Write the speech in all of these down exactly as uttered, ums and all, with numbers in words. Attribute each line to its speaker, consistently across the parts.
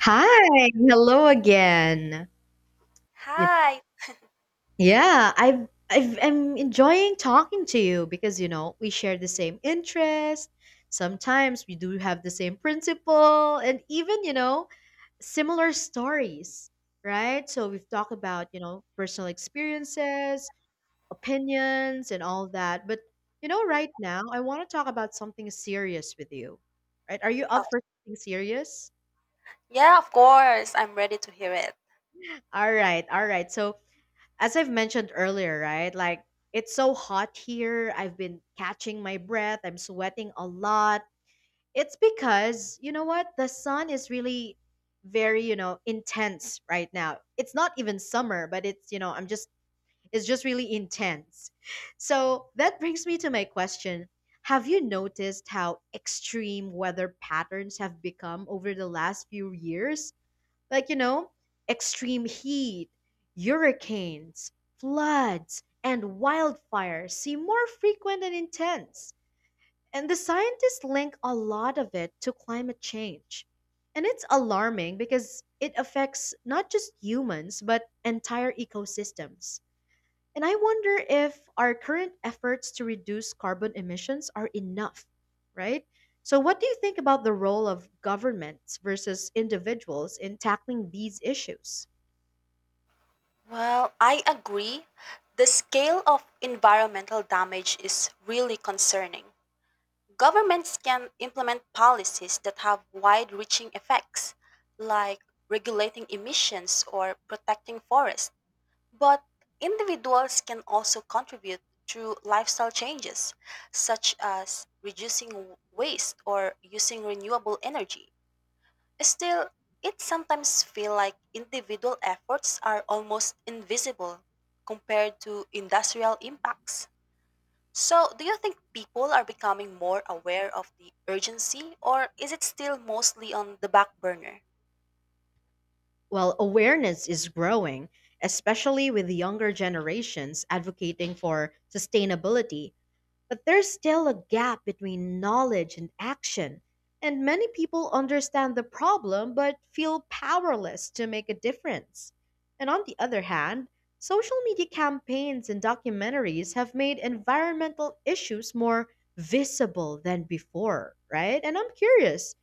Speaker 1: Hi, hello again. Y-
Speaker 2: Hi.
Speaker 1: Yeah, I've I've I'm enjoying talking to you because you know we share the same interest. Sometimes we do have the same principle and even you know similar stories, right? So we've talked about you know personal experiences, opinions, and all that. But you know, right now I want to talk about something serious with you, right? Are you
Speaker 2: Oh,
Speaker 1: up for something serious?
Speaker 2: yeah, of course. I'm ready to hear it.
Speaker 1: All right, all right. So as I've mentioned earlier, right? Like it's so hot here. I've been catching my breath. I'm sweating a lot. It's because, you know what? The sun is really very, you know, intense right now. It's not even summer, but it's, you know, I'm just it's just really intense. So, that brings me to my question. Have you noticed how extreme weather patterns have become over the last few years? Like, you know, extreme heat, hurricanes, floods, and wildfires seem more frequent and intense. And the scientists link a lot of it to climate change. And it's alarming because it affects not just humans, but entire ecosystems. And I wonder if our current efforts to reduce carbon emissions are enough, right? So, what do you think about the role of governments versus individuals in tackling these issues?
Speaker 2: Well, I agree. The scale of environmental damage is really concerning. Governments can implement policies that have wide reaching effects, like regulating emissions or protecting forests. But individuals can also contribute through lifestyle changes, such as reducing waste or using renewable energy. Still, it sometimes feels like individual efforts are almost invisible compared to industrial impacts. So, do you think people are becoming more aware of the urgency or is it still mostly on the back burner?
Speaker 1: Well, awareness is growing, especially with younger generations advocating for sustainability. But there's still a gap between knowledge and action, and many people understand the problem but feel powerless to make a difference. And on the other hand, social media campaigns and documentaries have made environmental issues more visible than before, right? And I'm curious,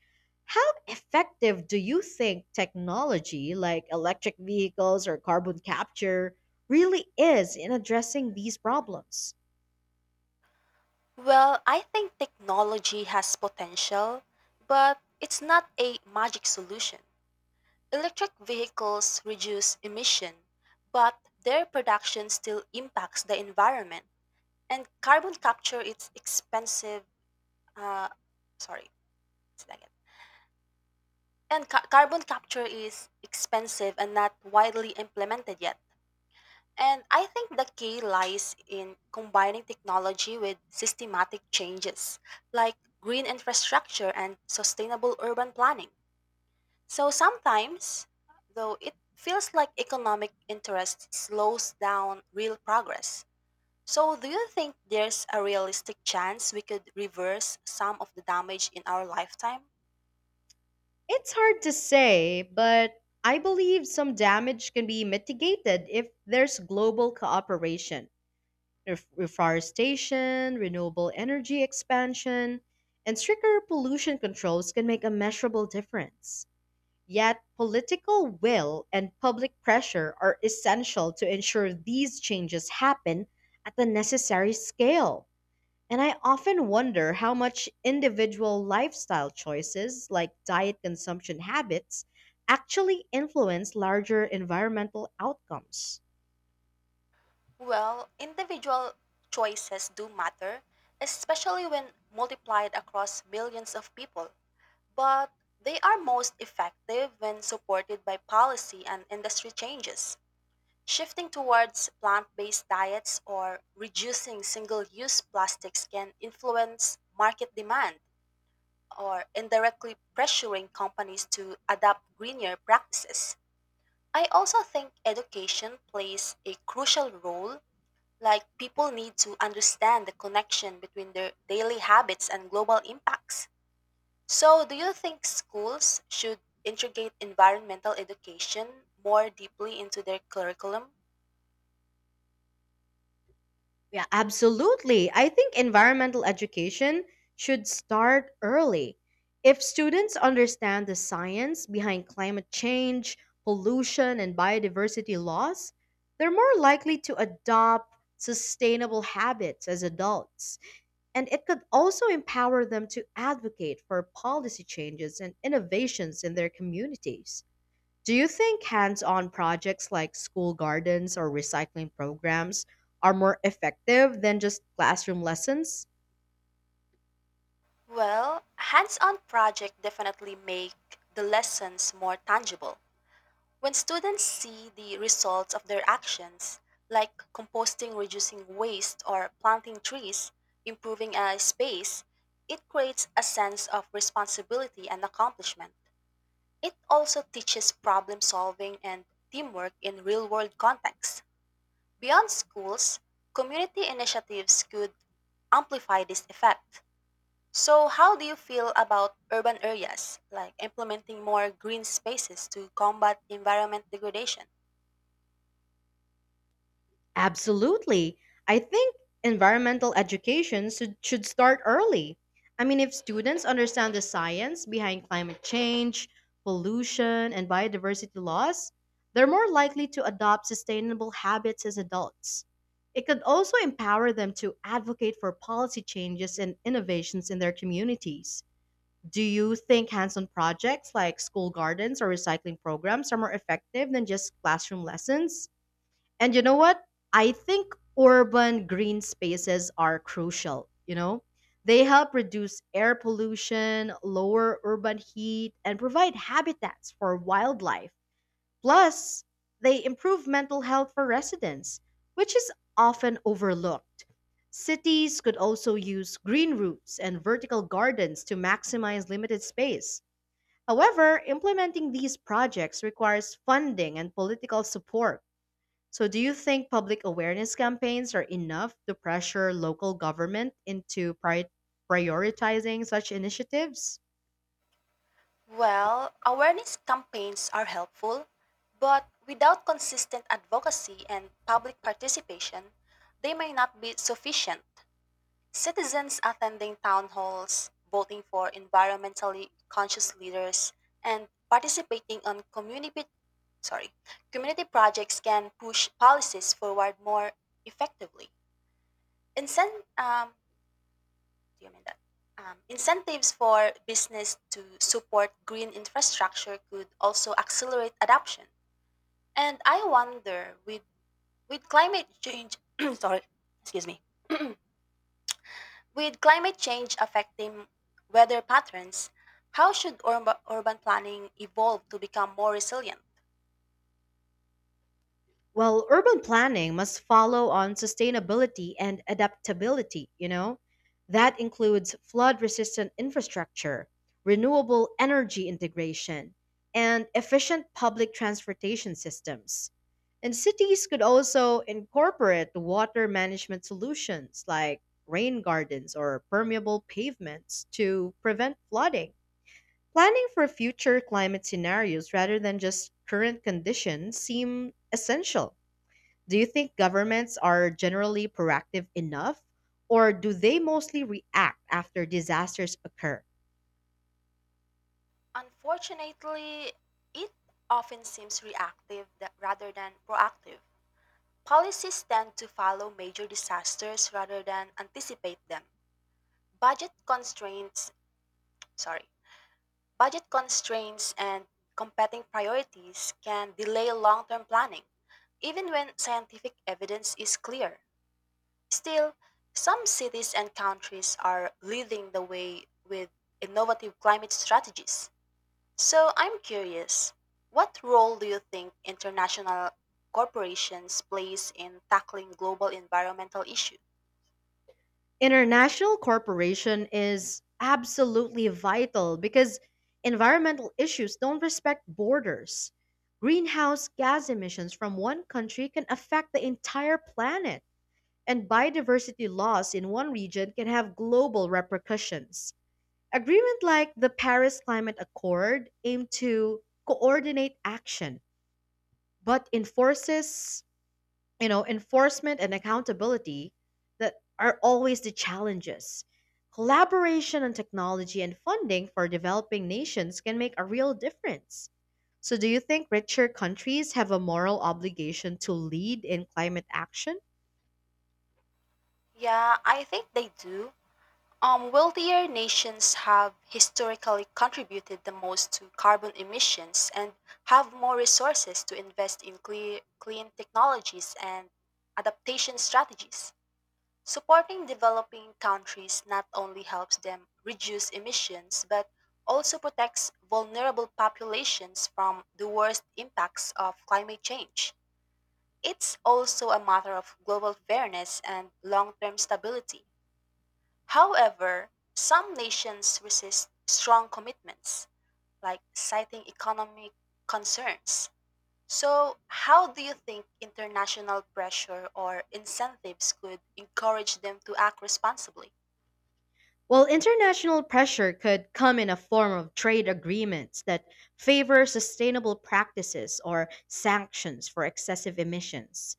Speaker 1: how effective do you think technology like electric vehicles or carbon capture really is in addressing these problems?
Speaker 2: Well, I think technology has potential, but it's not a magic solution. Electric vehicles reduce emission, but their production still impacts the environment. And carbon capture it's expensive uh, sorry it's not and ca- carbon capture is expensive and not widely implemented yet. And I think the key lies in combining technology with systematic changes like green infrastructure and sustainable urban planning. So sometimes though it feels like economic interest slows down real progress. So, do you think there's a realistic chance we could reverse some of the damage in our lifetime?
Speaker 1: It's hard to say, but I believe some damage can be mitigated if there's global cooperation, ref- reforestation, renewable energy expansion, and stricter pollution controls can make a measurable difference. Yet, political will and public pressure are essential to ensure these changes happen at the necessary scale. And I often wonder how much individual lifestyle choices, like diet consumption habits, actually influence larger environmental outcomes.
Speaker 2: Well, individual choices do matter, especially when multiplied across millions of people. But they are most effective when supported by policy and industry changes. Shifting towards plant based diets or reducing single use plastics can influence market demand or indirectly pressuring companies to adopt greener practices. I also think education plays a crucial role, like people need to understand the connection between their daily habits and global impacts. So, do you think schools should integrate environmental education more deeply into their curriculum?
Speaker 1: Yeah, absolutely. I think environmental education should start early. If students understand the science behind climate change, pollution, and biodiversity loss, they're more likely to adopt sustainable habits as adults. And it could also empower them to advocate for policy changes and innovations in their communities. Do you think hands on projects like school gardens or recycling programs are more effective than just classroom lessons?
Speaker 2: Well, hands on projects definitely make the lessons more tangible. When students see the results of their actions, like composting, reducing waste, or planting trees, improving a space, it creates a sense of responsibility and accomplishment. It also teaches problem solving and teamwork in real world contexts. Beyond schools, community initiatives could amplify this effect. So, how do you feel about urban areas, like implementing more green spaces to combat environment degradation?
Speaker 1: Absolutely. I think environmental education should, should start early. I mean, if students understand the science behind climate change, pollution, and biodiversity loss, they're more likely to adopt sustainable habits as adults. It could also empower them to advocate for policy changes and innovations in their communities. Do you think hands on projects like school gardens or recycling programs are more effective than just classroom lessons? And you know what? I think urban green spaces are crucial, you know? They help reduce air pollution, lower urban heat, and provide habitats for wildlife. Plus, they improve mental health for residents, which is often overlooked. Cities could also use green routes and vertical gardens to maximize limited space. However, implementing these projects requires funding and political support. So, do you think public awareness campaigns are enough to pressure local government into pri- prioritizing such initiatives?
Speaker 2: Well, awareness campaigns are helpful, but without consistent advocacy and public participation, they may not be sufficient. Citizens attending town halls, voting for environmentally conscious leaders, and participating on community sorry, community projects can push policies forward more effectively. Incent, um, do you mean that? Um, incentives for business to support green infrastructure could also accelerate adoption. And I wonder, with with climate change, sorry, excuse me, with climate change affecting weather patterns, how should urba, urban planning evolve to become more resilient?
Speaker 1: Well, urban planning must follow on sustainability and adaptability, you know? That includes flood resistant infrastructure, renewable energy integration, and efficient public transportation systems. And cities could also incorporate water management solutions like rain gardens or permeable pavements to prevent flooding. Planning for future climate scenarios rather than just current conditions seem essential. Do you think governments are generally proactive enough, or do they mostly react after disasters occur?
Speaker 2: Unfortunately, it often seems reactive tha- rather than proactive. Policies tend to follow major disasters rather than anticipate them. Budget constraints, sorry, Budget constraints and competing priorities can delay long-term planning, even when scientific evidence is clear. Still, some cities and countries are leading the way with innovative climate strategies. So I'm curious, what role do you think international corporations plays in tackling global environmental issues?
Speaker 1: International cooperation is absolutely vital because environmental issues don't respect borders. Greenhouse gas emissions from one country can affect the entire planet, and biodiversity loss in one region can have global repercussions. Agreement like the Paris Climate Accord aim to coordinate action, but enforces you know, enforcement and accountability that are always the challenges. Collaboration on technology and funding for developing nations can make a real difference. So, do you think richer countries have a moral obligation to lead in climate action?
Speaker 2: Yeah, I think they do. Um, wealthier nations have historically contributed the most to carbon emissions and have more resources to invest in clear, clean technologies and adaptation strategies. Supporting developing countries not only helps them reduce emissions but also protects vulnerable populations from the worst impacts of climate change. It's also a matter of global fairness and long term stability. However, some nations resist strong commitments, like citing economic concerns. So, how do you think international pressure or incentives could encourage them to act responsibly?
Speaker 1: Well, international pressure could come in a form of trade agreements that favor sustainable practices or sanctions for excessive emissions.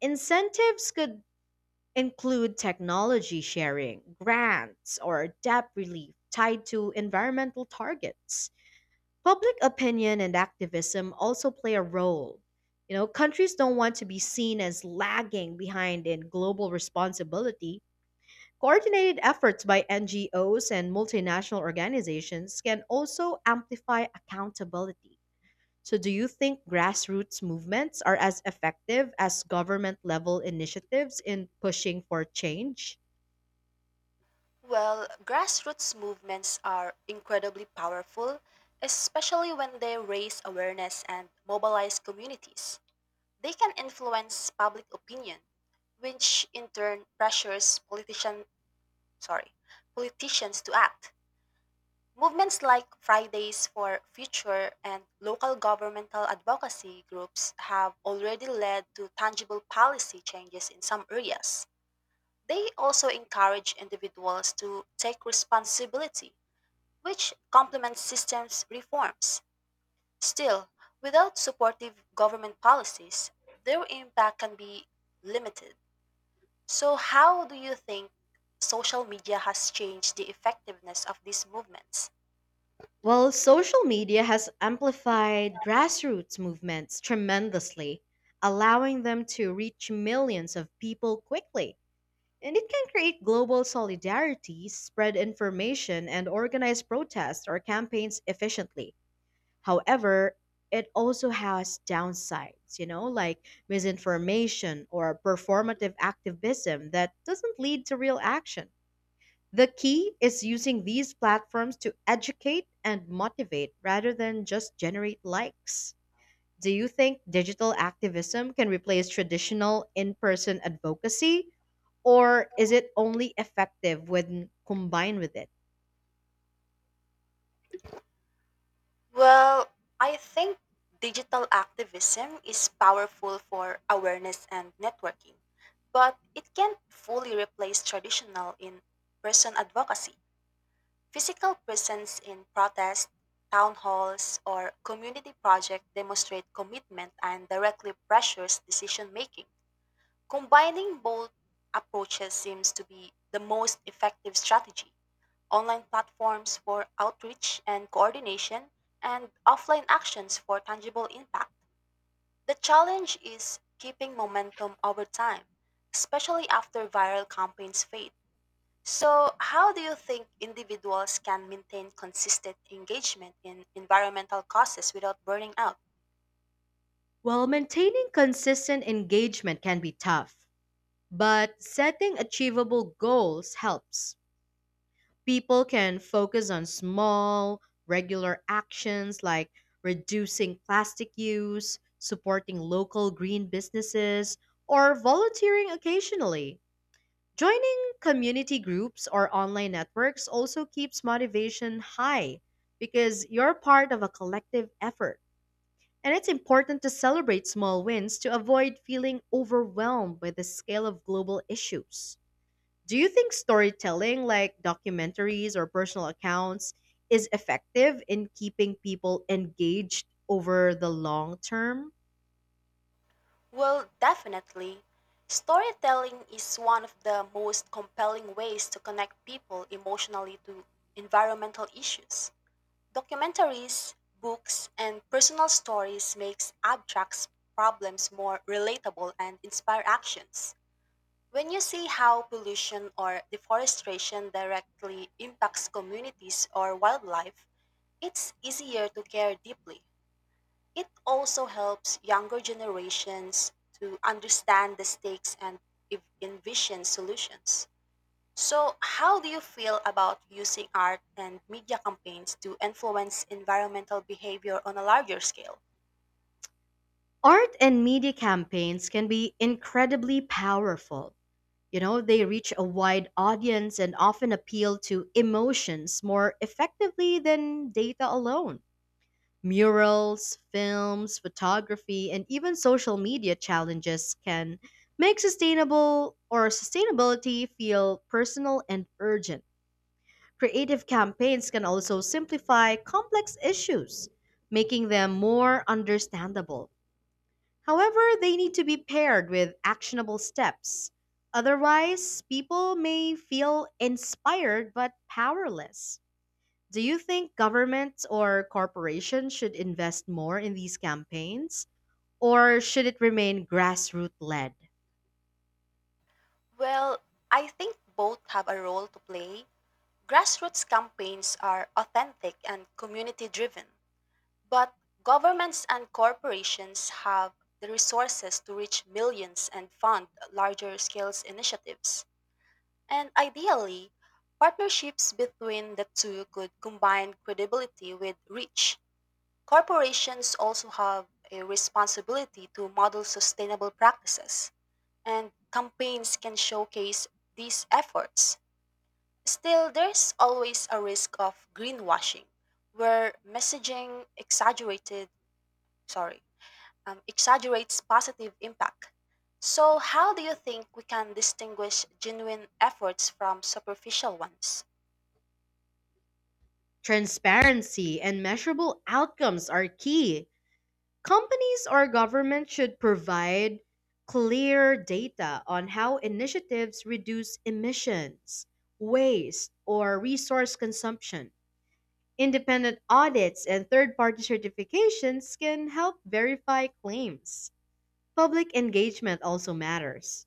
Speaker 1: Incentives could include technology sharing, grants, or debt relief tied to environmental targets. Public opinion and activism also play a role. You know, countries don't want to be seen as lagging behind in global responsibility. Coordinated efforts by N G Os and multinational organizations can also amplify accountability. So, do you think grassroots movements are as effective as government level initiatives in pushing for change?
Speaker 2: Well, grassroots movements are incredibly powerful, especially when they raise awareness and mobilize communities. They can influence public opinion, which in turn pressures politicians sorry, politicians to act. Movements like Fridays for Future and local governmental advocacy groups have already led to tangible policy changes in some areas. They also encourage individuals to take responsibility, which complements systems reforms. Still, without supportive government policies, their impact can be limited. So, how do you think social media has changed the effectiveness of these movements?
Speaker 1: Well, social media has amplified grassroots movements tremendously, allowing them to reach millions of people quickly. And it can create global solidarity, spread information, and organize protests or campaigns efficiently. However, it also has downsides, you know, like misinformation or performative activism that doesn't lead to real action. The key is using these platforms to educate and motivate rather than just generate likes. Do you think digital activism can replace traditional in person advocacy? Or is it only effective when combined with it?
Speaker 2: Well, I think digital activism is powerful for awareness and networking, but it can't fully replace traditional in person advocacy. Physical presence in protests, town halls, or community projects demonstrate commitment and directly pressures decision making. Combining both approaches seems to be the most effective strategy. Online platforms for outreach and coordination, and offline actions for tangible impact. The challenge is keeping momentum over time, especially after viral campaigns fade. So, how do you think individuals can maintain consistent engagement in environmental causes without burning out?
Speaker 1: Well, maintaining consistent engagement can be tough. But setting achievable goals helps. People can focus on small, regular actions like reducing plastic use, supporting local green businesses, or volunteering occasionally. Joining community groups or online networks also keeps motivation high because you're part of a collective effort. And it's important to celebrate small wins to avoid feeling overwhelmed by the scale of global issues. Do you think storytelling like documentaries or personal accounts is effective in keeping people engaged over the long term?
Speaker 2: Well, definitely. Storytelling is one of the most compelling ways to connect people emotionally to environmental issues. Documentaries, books, and personal stories makes abstract problems more relatable and inspire actions. When you see how pollution or deforestation directly impacts communities or wildlife, it's easier to care deeply. It also helps younger generations to understand the stakes and ev- envision solutions. So, how do you feel about using art and media campaigns to influence environmental behavior on a larger scale?
Speaker 1: Art and media campaigns can be incredibly powerful. You know, they reach a wide audience and often appeal to emotions more effectively than data alone. Murals, films, photography, and even social media challenges can make sustainable or sustainability feel personal and urgent. Creative campaigns can also simplify complex issues, making them more understandable. However, they need to be paired with actionable steps. Otherwise, people may feel inspired but powerless. Do you think governments or corporations should invest more in these campaigns? Or should it remain grassroots led?
Speaker 2: Well, I think both have a role to play. Grassroots campaigns are authentic and community driven, but governments and corporations have the resources to reach millions and fund larger scale initiatives. And ideally, partnerships between the two could combine credibility with reach. Corporations also have a responsibility to model sustainable practices, and campaigns can showcase these efforts. Still, there's always a risk of greenwashing, where messaging exaggerated, sorry, um, exaggerates positive impact. So, how do you think we can distinguish genuine efforts from superficial ones?
Speaker 1: Transparency and measurable outcomes are key. Companies or governments should provide clear data on how initiatives reduce emissions, waste, or resource consumption. Independent audits and third party certifications can help verify claims. Public engagement also matters.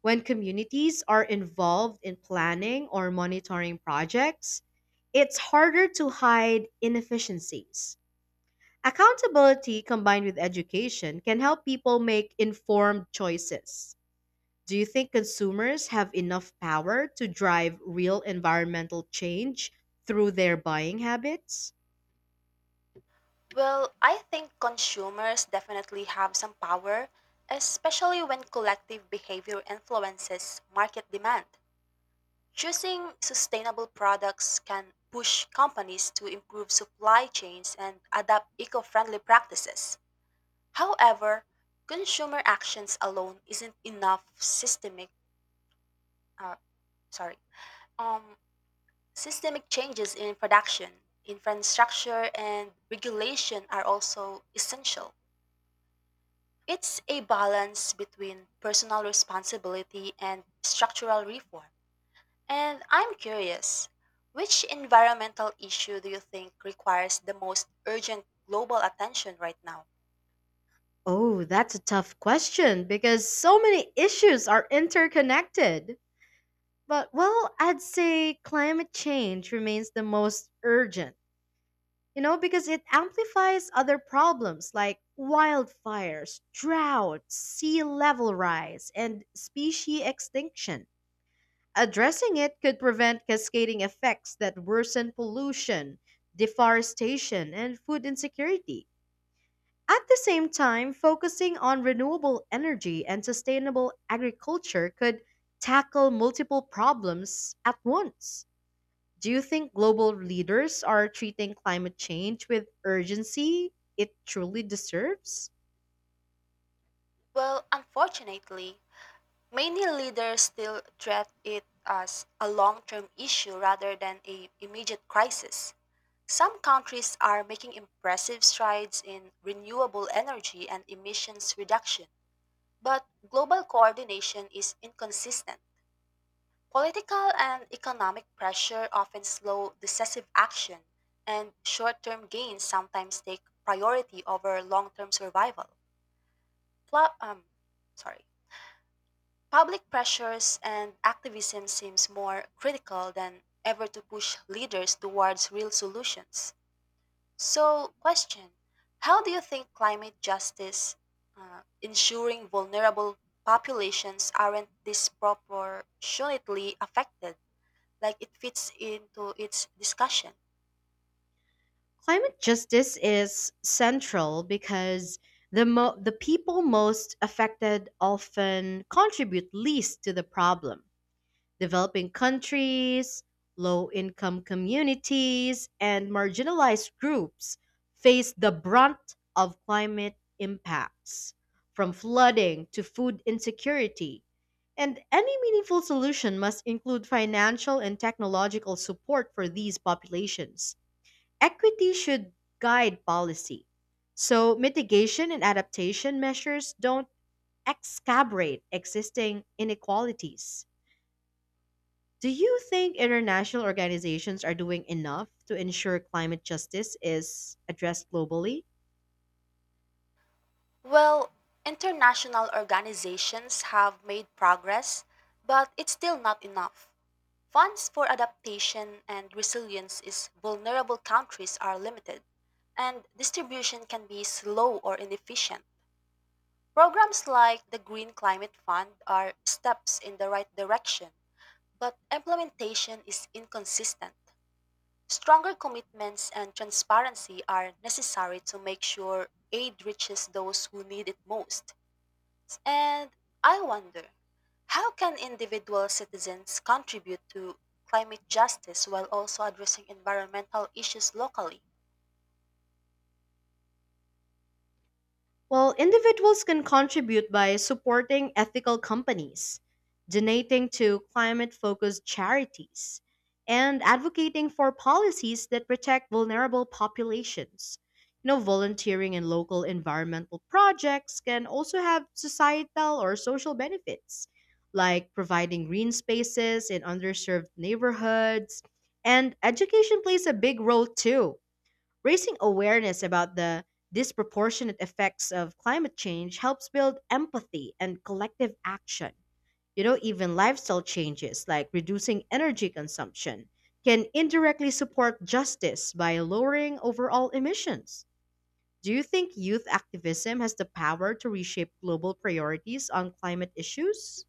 Speaker 1: When communities are involved in planning or monitoring projects, it's harder to hide inefficiencies. Accountability combined with education can help people make informed choices. Do you think consumers have enough power to drive real environmental change through their buying habits?
Speaker 2: Well, I think consumers definitely have some power, especially when collective behavior influences market demand. Choosing sustainable products can push companies to improve supply chains and adopt eco friendly practices. However, consumer actions alone isn't enough systemic uh, sorry um systemic changes in production infrastructure and regulation are also essential. It's a balance between personal responsibility and structural reform. And I'm curious, which environmental issue do you think requires the most urgent global attention right now?
Speaker 1: Oh, that's a tough question because so many issues are interconnected. But well, I'd say climate change remains the most urgent, you know, because it amplifies other problems like wildfires, drought, sea level rise, and species extinction. Addressing it could prevent cascading effects that worsen pollution, deforestation, and food insecurity. At the same time, focusing on renewable energy and sustainable agriculture could tackle multiple problems at once. Do you think global leaders are treating climate change with urgency it truly deserves?
Speaker 2: Well, unfortunately, many leaders still treat it as a long term issue rather than a immediate crisis. Some countries are making impressive strides in renewable energy and emissions reduction. But global coordination is inconsistent. Political and economic pressure often slow decisive action, and short term gains sometimes take priority over long term survival. Pla- um, sorry. Public pressures and activism seems more critical than ever to push leaders towards real solutions. So, question: how do you think climate justice, uh, ensuring vulnerable populations aren't disproportionately affected, like it fits into its discussion?
Speaker 1: Climate justice is central because the mo- the people most affected often contribute least to the problem. Developing countries, low income communities, and marginalized groups face the brunt of climate impacts, from flooding to food insecurity. And any meaningful solution must include financial and technological support for these populations. Equity should guide policy. So, mitigation and adaptation measures don't exacerbate existing inequalities. Do you think international organizations are doing enough to ensure climate justice is addressed globally?
Speaker 2: Well, international organizations have made progress, but it's still not enough. Funds for adaptation and resilience is vulnerable countries are limited, and distribution can be slow or inefficient. Programs like the Green Climate Fund are steps in the right direction, but implementation is inconsistent. Stronger commitments and transparency are necessary to make sure aid reaches those who need it most. And I wonder, how can individual citizens contribute to climate justice while also addressing environmental issues locally?
Speaker 1: Well, individuals can contribute by supporting ethical companies, donating to climate focused charities, and advocating for policies that protect vulnerable populations. You know, volunteering in local environmental projects can also have societal or social benefits, like providing green spaces in underserved neighborhoods. And education plays a big role too. Raising awareness about the disproportionate effects of climate change helps build empathy and collective action. You know, even lifestyle changes like reducing energy consumption can indirectly support justice by lowering overall emissions. Do you think youth activism has the power to reshape global priorities on climate issues?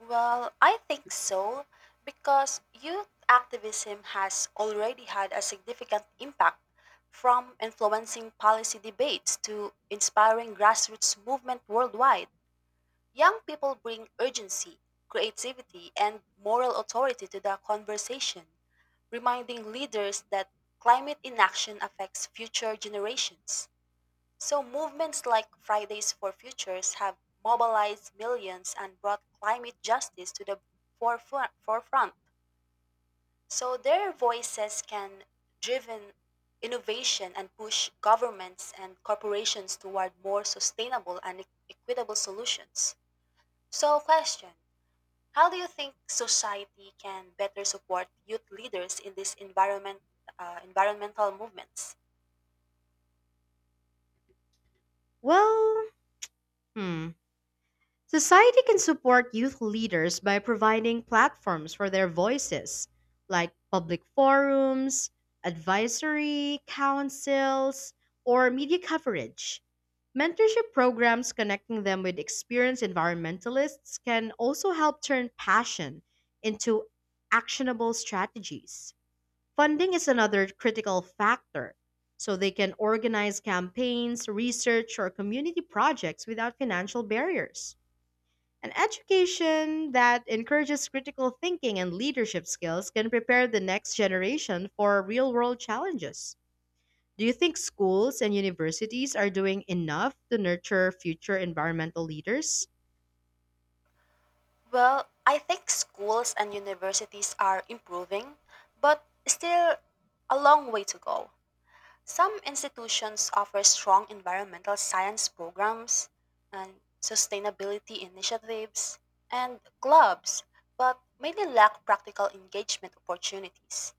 Speaker 2: Well, I think so, because youth activism has already had a significant impact from influencing policy debates to inspiring grassroots movement worldwide. Young people bring urgency, creativity, and moral authority to the conversation, reminding leaders that climate inaction affects future generations. So, movements like Fridays for Futures have mobilized millions and brought climate justice to the forefront. forefront. So, their voices can driven innovation and push governments and corporations toward more sustainable and e- equitable solutions. So, question: how do you think society can better support youth leaders in these environment, uh, environmental movements?
Speaker 1: Well, hmm. Society can support youth leaders by providing platforms for their voices, like public forums, advisory councils, or media coverage. Mentorship programs connecting them with experienced environmentalists can also help turn passion into actionable strategies. Funding is another critical factor, so they can organize campaigns, research, or community projects without financial barriers. An education that encourages critical thinking and leadership skills can prepare the next generation for real world challenges. Do you think schools and universities are doing enough to nurture future environmental leaders?
Speaker 2: Well, I think schools and universities are improving, but still a long way to go. Some institutions offer strong environmental science programs and sustainability initiatives and clubs, but many lack practical engagement opportunities.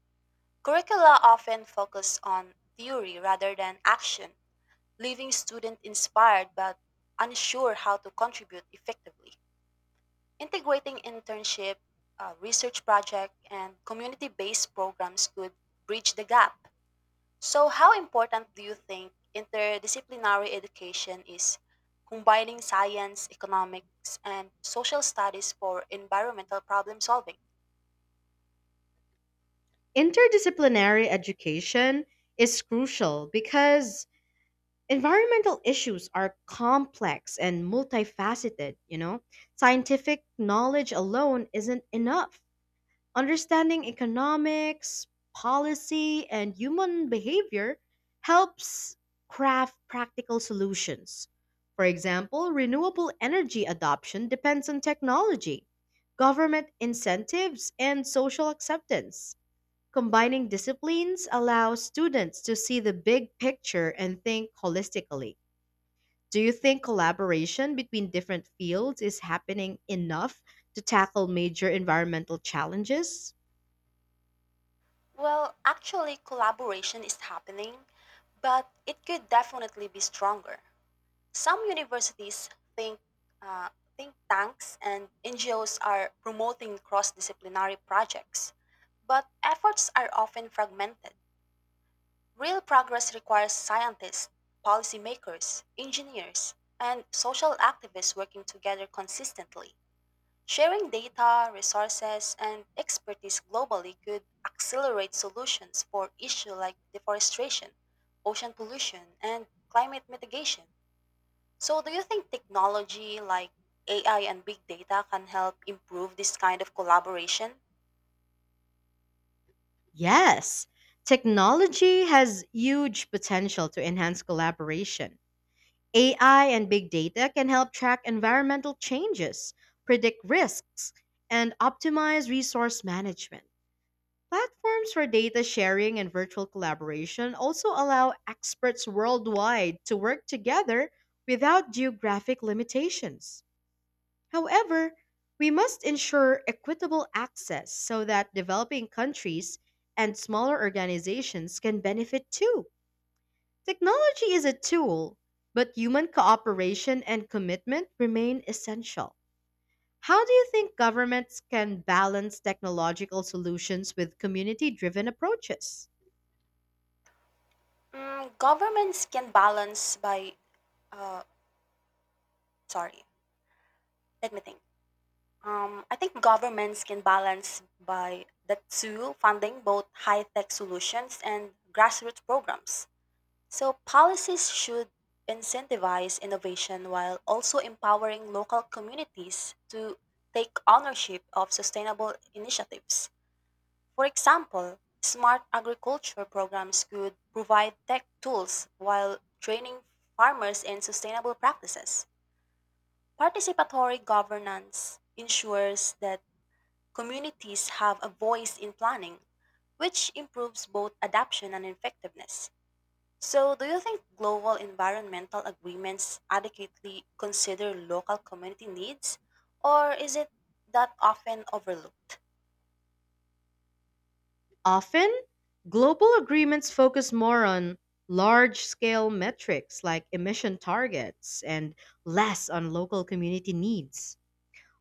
Speaker 2: Curricula often focus on theory rather than action, leaving students inspired but unsure how to contribute effectively. Integrating internship, uh, research project, and community based programs could bridge the gap. So, how important do you think interdisciplinary education is combining science, economics, and social studies for environmental problem solving?
Speaker 1: Interdisciplinary education is crucial because environmental issues are complex and multifaceted, you know? Scientific knowledge alone isn't enough. Understanding economics, policy, and human behavior helps craft practical solutions. For example, renewable energy adoption depends on technology, government incentives, and social acceptance. Combining disciplines allows students to see the big picture and think holistically. Do you think collaboration between different fields is happening enough to tackle major environmental challenges?
Speaker 2: Well, actually, collaboration is happening, but it could definitely be stronger. Some universities think uh, think tanks and N G Os are promoting cross-disciplinary projects, but efforts are often fragmented. Real progress requires scientists, policymakers, engineers, and social activists working together consistently. Sharing data, resources, and expertise globally could accelerate solutions for issues like deforestation, ocean pollution, and climate mitigation. So, do you think technology like A I and big data can help improve this kind of collaboration?
Speaker 1: Yes, technology has huge potential to enhance collaboration. A I and big data can help track environmental changes, predict risks, and optimize resource management. Platforms for data sharing and virtual collaboration also allow experts worldwide to work together without geographic limitations. However, we must ensure equitable access so that developing countries and smaller organizations can benefit too. Technology is a tool, but human cooperation and commitment remain essential. How do you think governments can balance technological solutions with community driven approaches?
Speaker 2: Mm, governments can balance by, uh, sorry, let me think. Um, I think governments can balance by the two funding both high tech solutions and grassroots programs. So, policies should incentivize innovation while also empowering local communities to take ownership of sustainable initiatives. For example, smart agriculture programs could provide tech tools while training farmers in sustainable practices. Participatory governance ensures that communities have a voice in planning, which improves both adoption and effectiveness. So, do you think global environmental agreements adequately consider local community needs, or is it that often overlooked?
Speaker 1: Often, global agreements focus more on large scale metrics like emission targets and less on local community needs.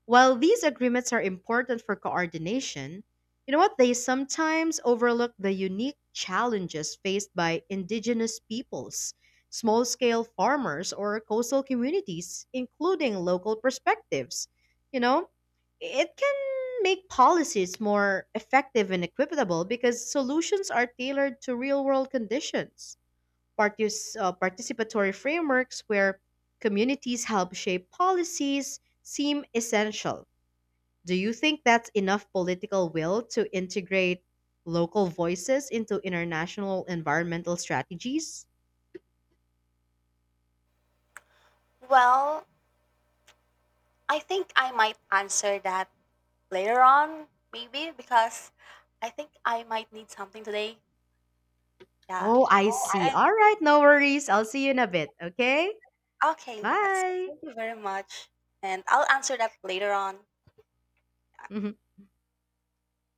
Speaker 1: While these agreements are important for coordination, you know what? They sometimes overlook the unique challenges faced by indigenous peoples, small scale farmers, or coastal communities, including local perspectives. You know, it can make policies more effective and equitable because solutions are tailored to real world conditions. Partis- uh, participatory frameworks where communities help shape policies seem essential. Do you think that's enough political will to integrate local voices into international environmental strategies?
Speaker 2: Well, I think I might answer that later on, maybe, because I think I might need something today. Yeah.
Speaker 1: Oh, I
Speaker 2: Oh,
Speaker 1: see.
Speaker 2: I. And
Speaker 1: All right, no worries. I'll see you in a bit, okay?
Speaker 2: okay, yes.
Speaker 1: Bye.
Speaker 2: Thank you very much. And I'll answer that later on.